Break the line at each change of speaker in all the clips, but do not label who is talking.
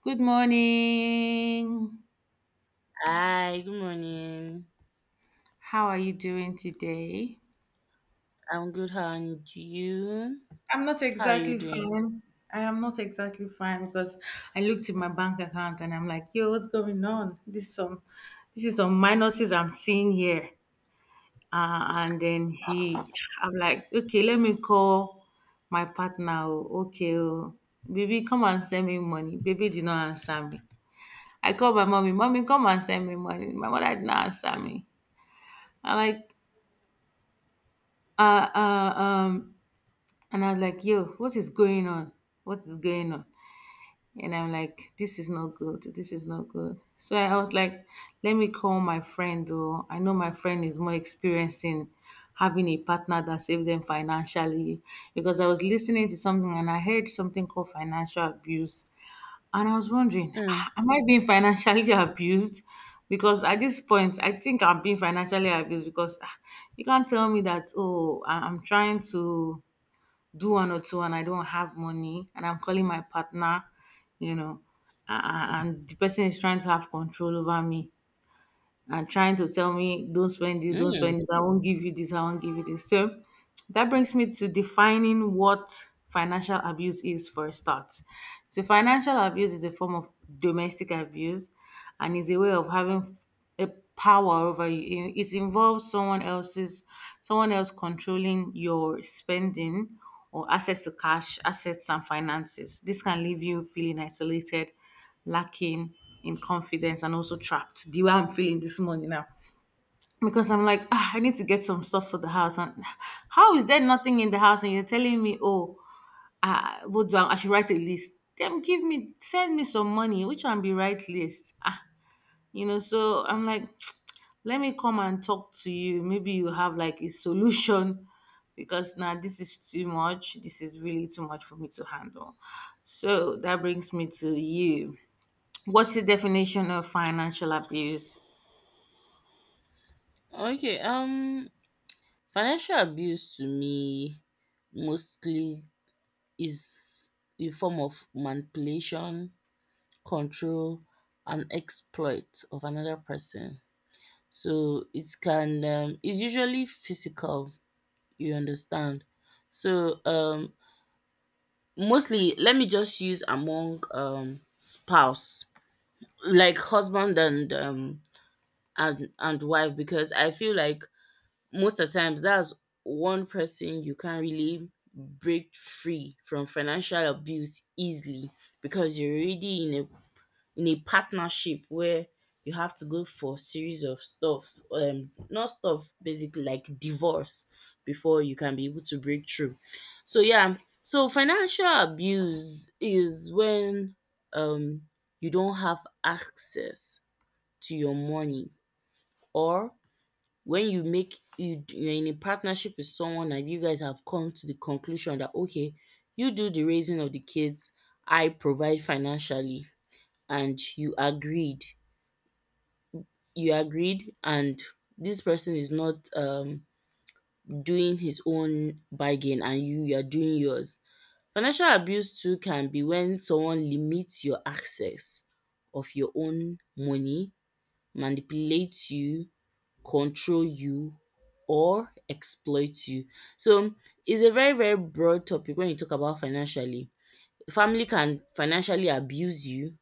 Good morning.
Hi, good morning.
How are you doing today?
I'm good, and you?
I'm not
How are you
exactly
doing?
fine. I am not exactly fine because I looked in my bank account and I'm like, yo, what's going on? This is some minuses I'm seeing here. And then he I'm like, okay, let me call my partner. Oh, okay, oh, baby, come and send me money. Baby did not answer me. I called my mommy, mommy, come and send me money. My mother did not answer me. I'm like, uh, uh, um, and I was like, yo, what is going on? What is going on? And I'm like, this is not good. This is not good. So I was like, let me call my friend. Or I know my friend is more experienced in having a partner that saves them financially because I was listening to something and I heard something called financial abuse and I was wondering,
Mm.
"Ah, am I being financially abused? Because at this point, I think I'm being financially abused because ah, you can't tell me that, oh, I'm trying to do one or two and I don't have money and I'm calling my partner, you know, and the person is trying to have control over me and trying to tell me, don't
Mm.
spend this, I won't give you this, I won't give you this. So that brings me to defining what financial abuse is for a start. So financial abuse is a form of domestic abuse and is a way of having a power over you. It involves someone else controlling your spending or access to cash, assets and finances. This can leave you feeling isolated, lacking in confidence and also trapped the way I'm feeling this morning now. Because I'm like, ah, I need to get some stuff for the house. And how is there nothing in the house? And you're telling me, oh, what I should write a list. Then give me, send me some money, which one be right list? Ah, so I'm like, let me come and talk to you. Maybe you have like a solution because now this is too much. This is really too much for me to handle. So that brings me to you. What's your definition of financial abuse?
Okay, financial abuse to me mostly is a form of manipulation, control, and exploit of another person. So it can it's usually physical, you understand. So mostly let me just use among spouse like husband and and wife because I feel like most of the times that's one person you can't really break free from financial abuse easily because you're already in a partnership where you have to go for series of stuff not stuff, basically like divorce before you can be able to break through. So yeah, so financial abuse is when um you don't have access to your money? Or when you make you you're in a partnership with someone and you guys have come to the conclusion that okay, you do the raising of the kids, I provide financially and you agreed. You agreed and this person is not doing his own bargain and you are doing yours. Financial abuse too can be when someone limits your access of your own money, manipulates you, control you or exploit you. So it's a very, very broad topic when you talk about financially. Family can financially abuse you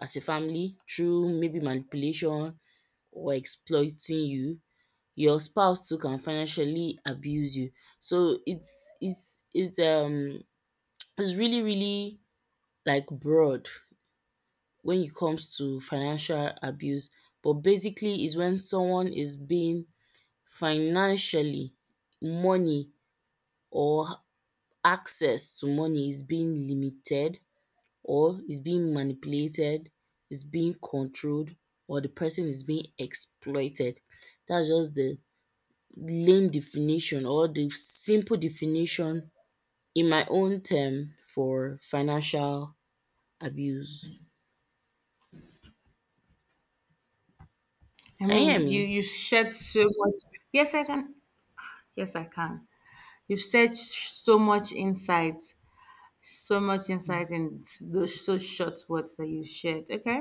as a family through maybe manipulation or exploiting you. Your spouse too can financially abuse you. So it's it's really, really like broad when it comes to financial abuse. But basically is when someone is being financially, money or access to money is being limited or is being manipulated, is being controlled or the person is being exploited. That's just the lame definition or the simple definition in my own term for financial abuse.
I
Can you hear
mean, you
me?
you shed so much. Yes, I can. Yes, I can. You shed so much insight in those so short words that you shared. Okay,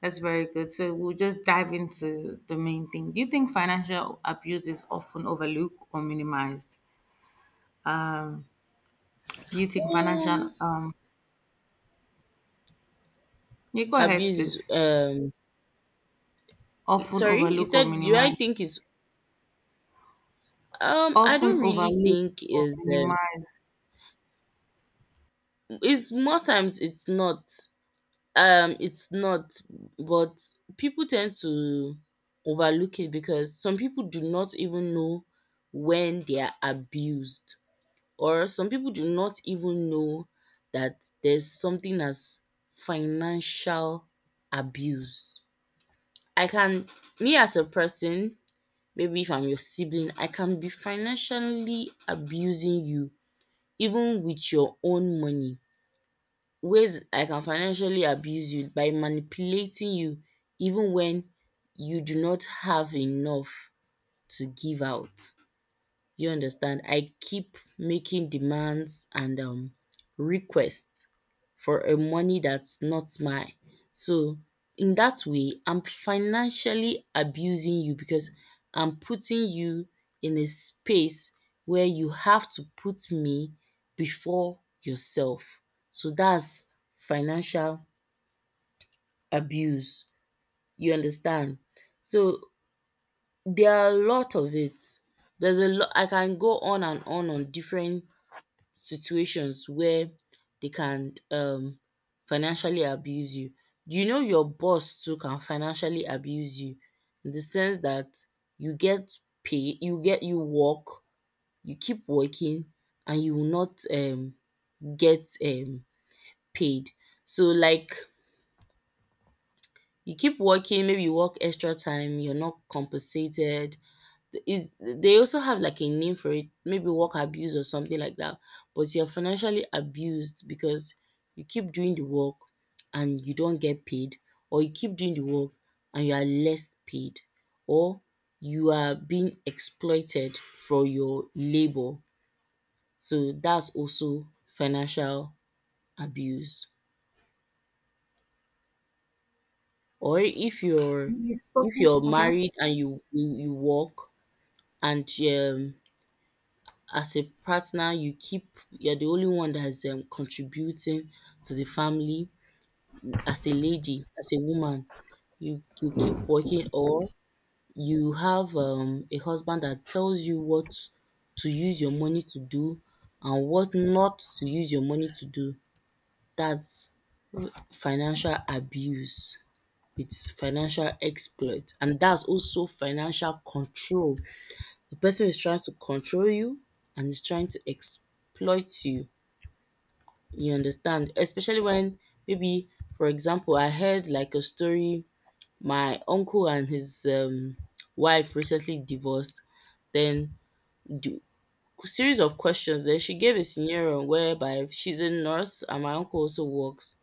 that's very good. So we'll just dive into the main thing. Do you think financial abuse is often overlooked or minimized? Do you think
Um,
financial? You go ahead,
abuse is
please. Often
sorry, you
overlooked or
said do I
minimized.
think is I don't
Often
really
overlooked
think
or
is um.
minimized.
It's most times it's not. It's not, but people tend to overlook it because some people do not even know when they are abused, or some people do not even know that there's something as financial abuse. I can, me as a person, maybe if I'm your sibling, I can be financially abusing you even with your own money. Ways I can financially abuse you by manipulating you even when you do not have enough to give out. You understand? I keep making demands and requests for a money that's not mine. So in that way, I'm financially abusing you because I'm putting you in a space where you have to put me before yourself. So that's financial abuse. You understand? So there are a lot of it. There's a lot I can go on and on on different situations where they can financially abuse you. Do you know your boss too can financially abuse you in the sense that you get pay you get you work, you keep working and you will not get paid. So like you keep working, maybe you work extra time, you're not compensated, is they also have like a name for it, maybe work abuse or something like that. But you're financially abused because you keep doing the work and you don't get paid, or you keep doing the work and you are less paid, or you are being exploited for your labor. So that's also financial abuse. Or if
You spoken.
you're
Okay.
married and you work and as a partner you're the only one that is contributing to the family as a lady, as a woman, you keep working or you have a husband that tells you what to use your money to do and what not to use your money to do. That's financial abuse, it's financial exploit and that's also financial control. The person is trying to control you and is trying to exploit you. You understand? Especially when maybe, for example, I heard like a story. My uncle and his wife recently divorced. Then the series of questions. Then she gave a scenario whereby she's a nurse and my uncle also works.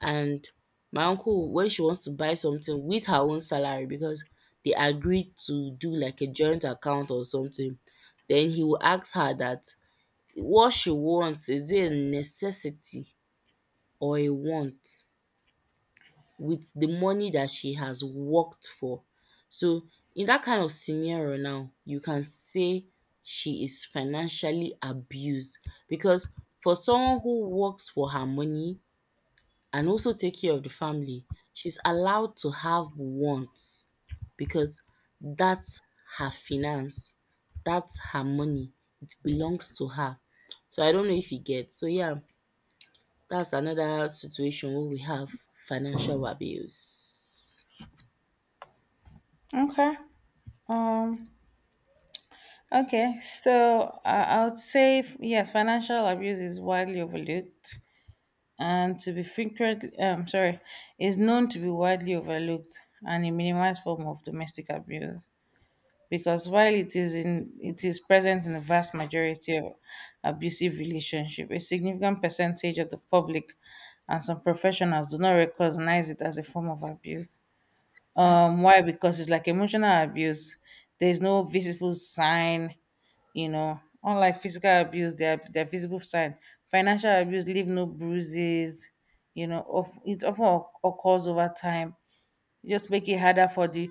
And my uncle, when she wants to buy something with her own salary because they agreed to do like a joint account or something, then he will ask her that what she wants is it a necessity or a want with the money that she has worked for. So in that kind of scenario now, you can say she is financially abused because for someone who works for her money and also take care of the family, she's allowed to have wants because that's her finance, that's her money, it belongs to her. So I don't know if you get. So yeah, that's another situation where we have financial abuse.
Okay. Um, okay. So I would say yes, financial abuse is widely overlooked and to be frequently sorry, is known to be widely overlooked and a minimized form of domestic abuse because while it is present in the vast majority of abusive relationship, a significant percentage of the public and some professionals do not recognize it as a form of abuse. Why? Because it's like emotional abuse. There's no visible sign, you know. Unlike physical abuse, there are visible sign. Financial abuse leave no bruises, you know. Of it often occurs over time. It just make it harder for the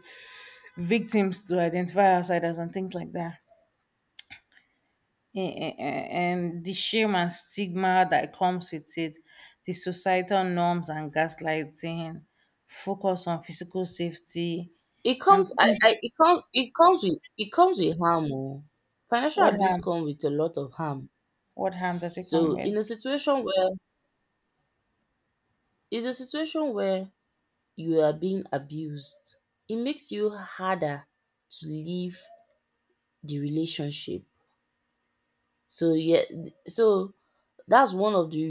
victims to identify outsiders and things like that. And the shame and stigma that comes with it, the societal norms and gaslighting, focus on physical safety,
It
and
comes
think,
I it comes with harm oh. Financial
what
abuse
happened?
comes with a lot of harm.
What harm does it come
So
with?
in a situation where you are being abused, it makes you harder to leave the relationship. So that's one of the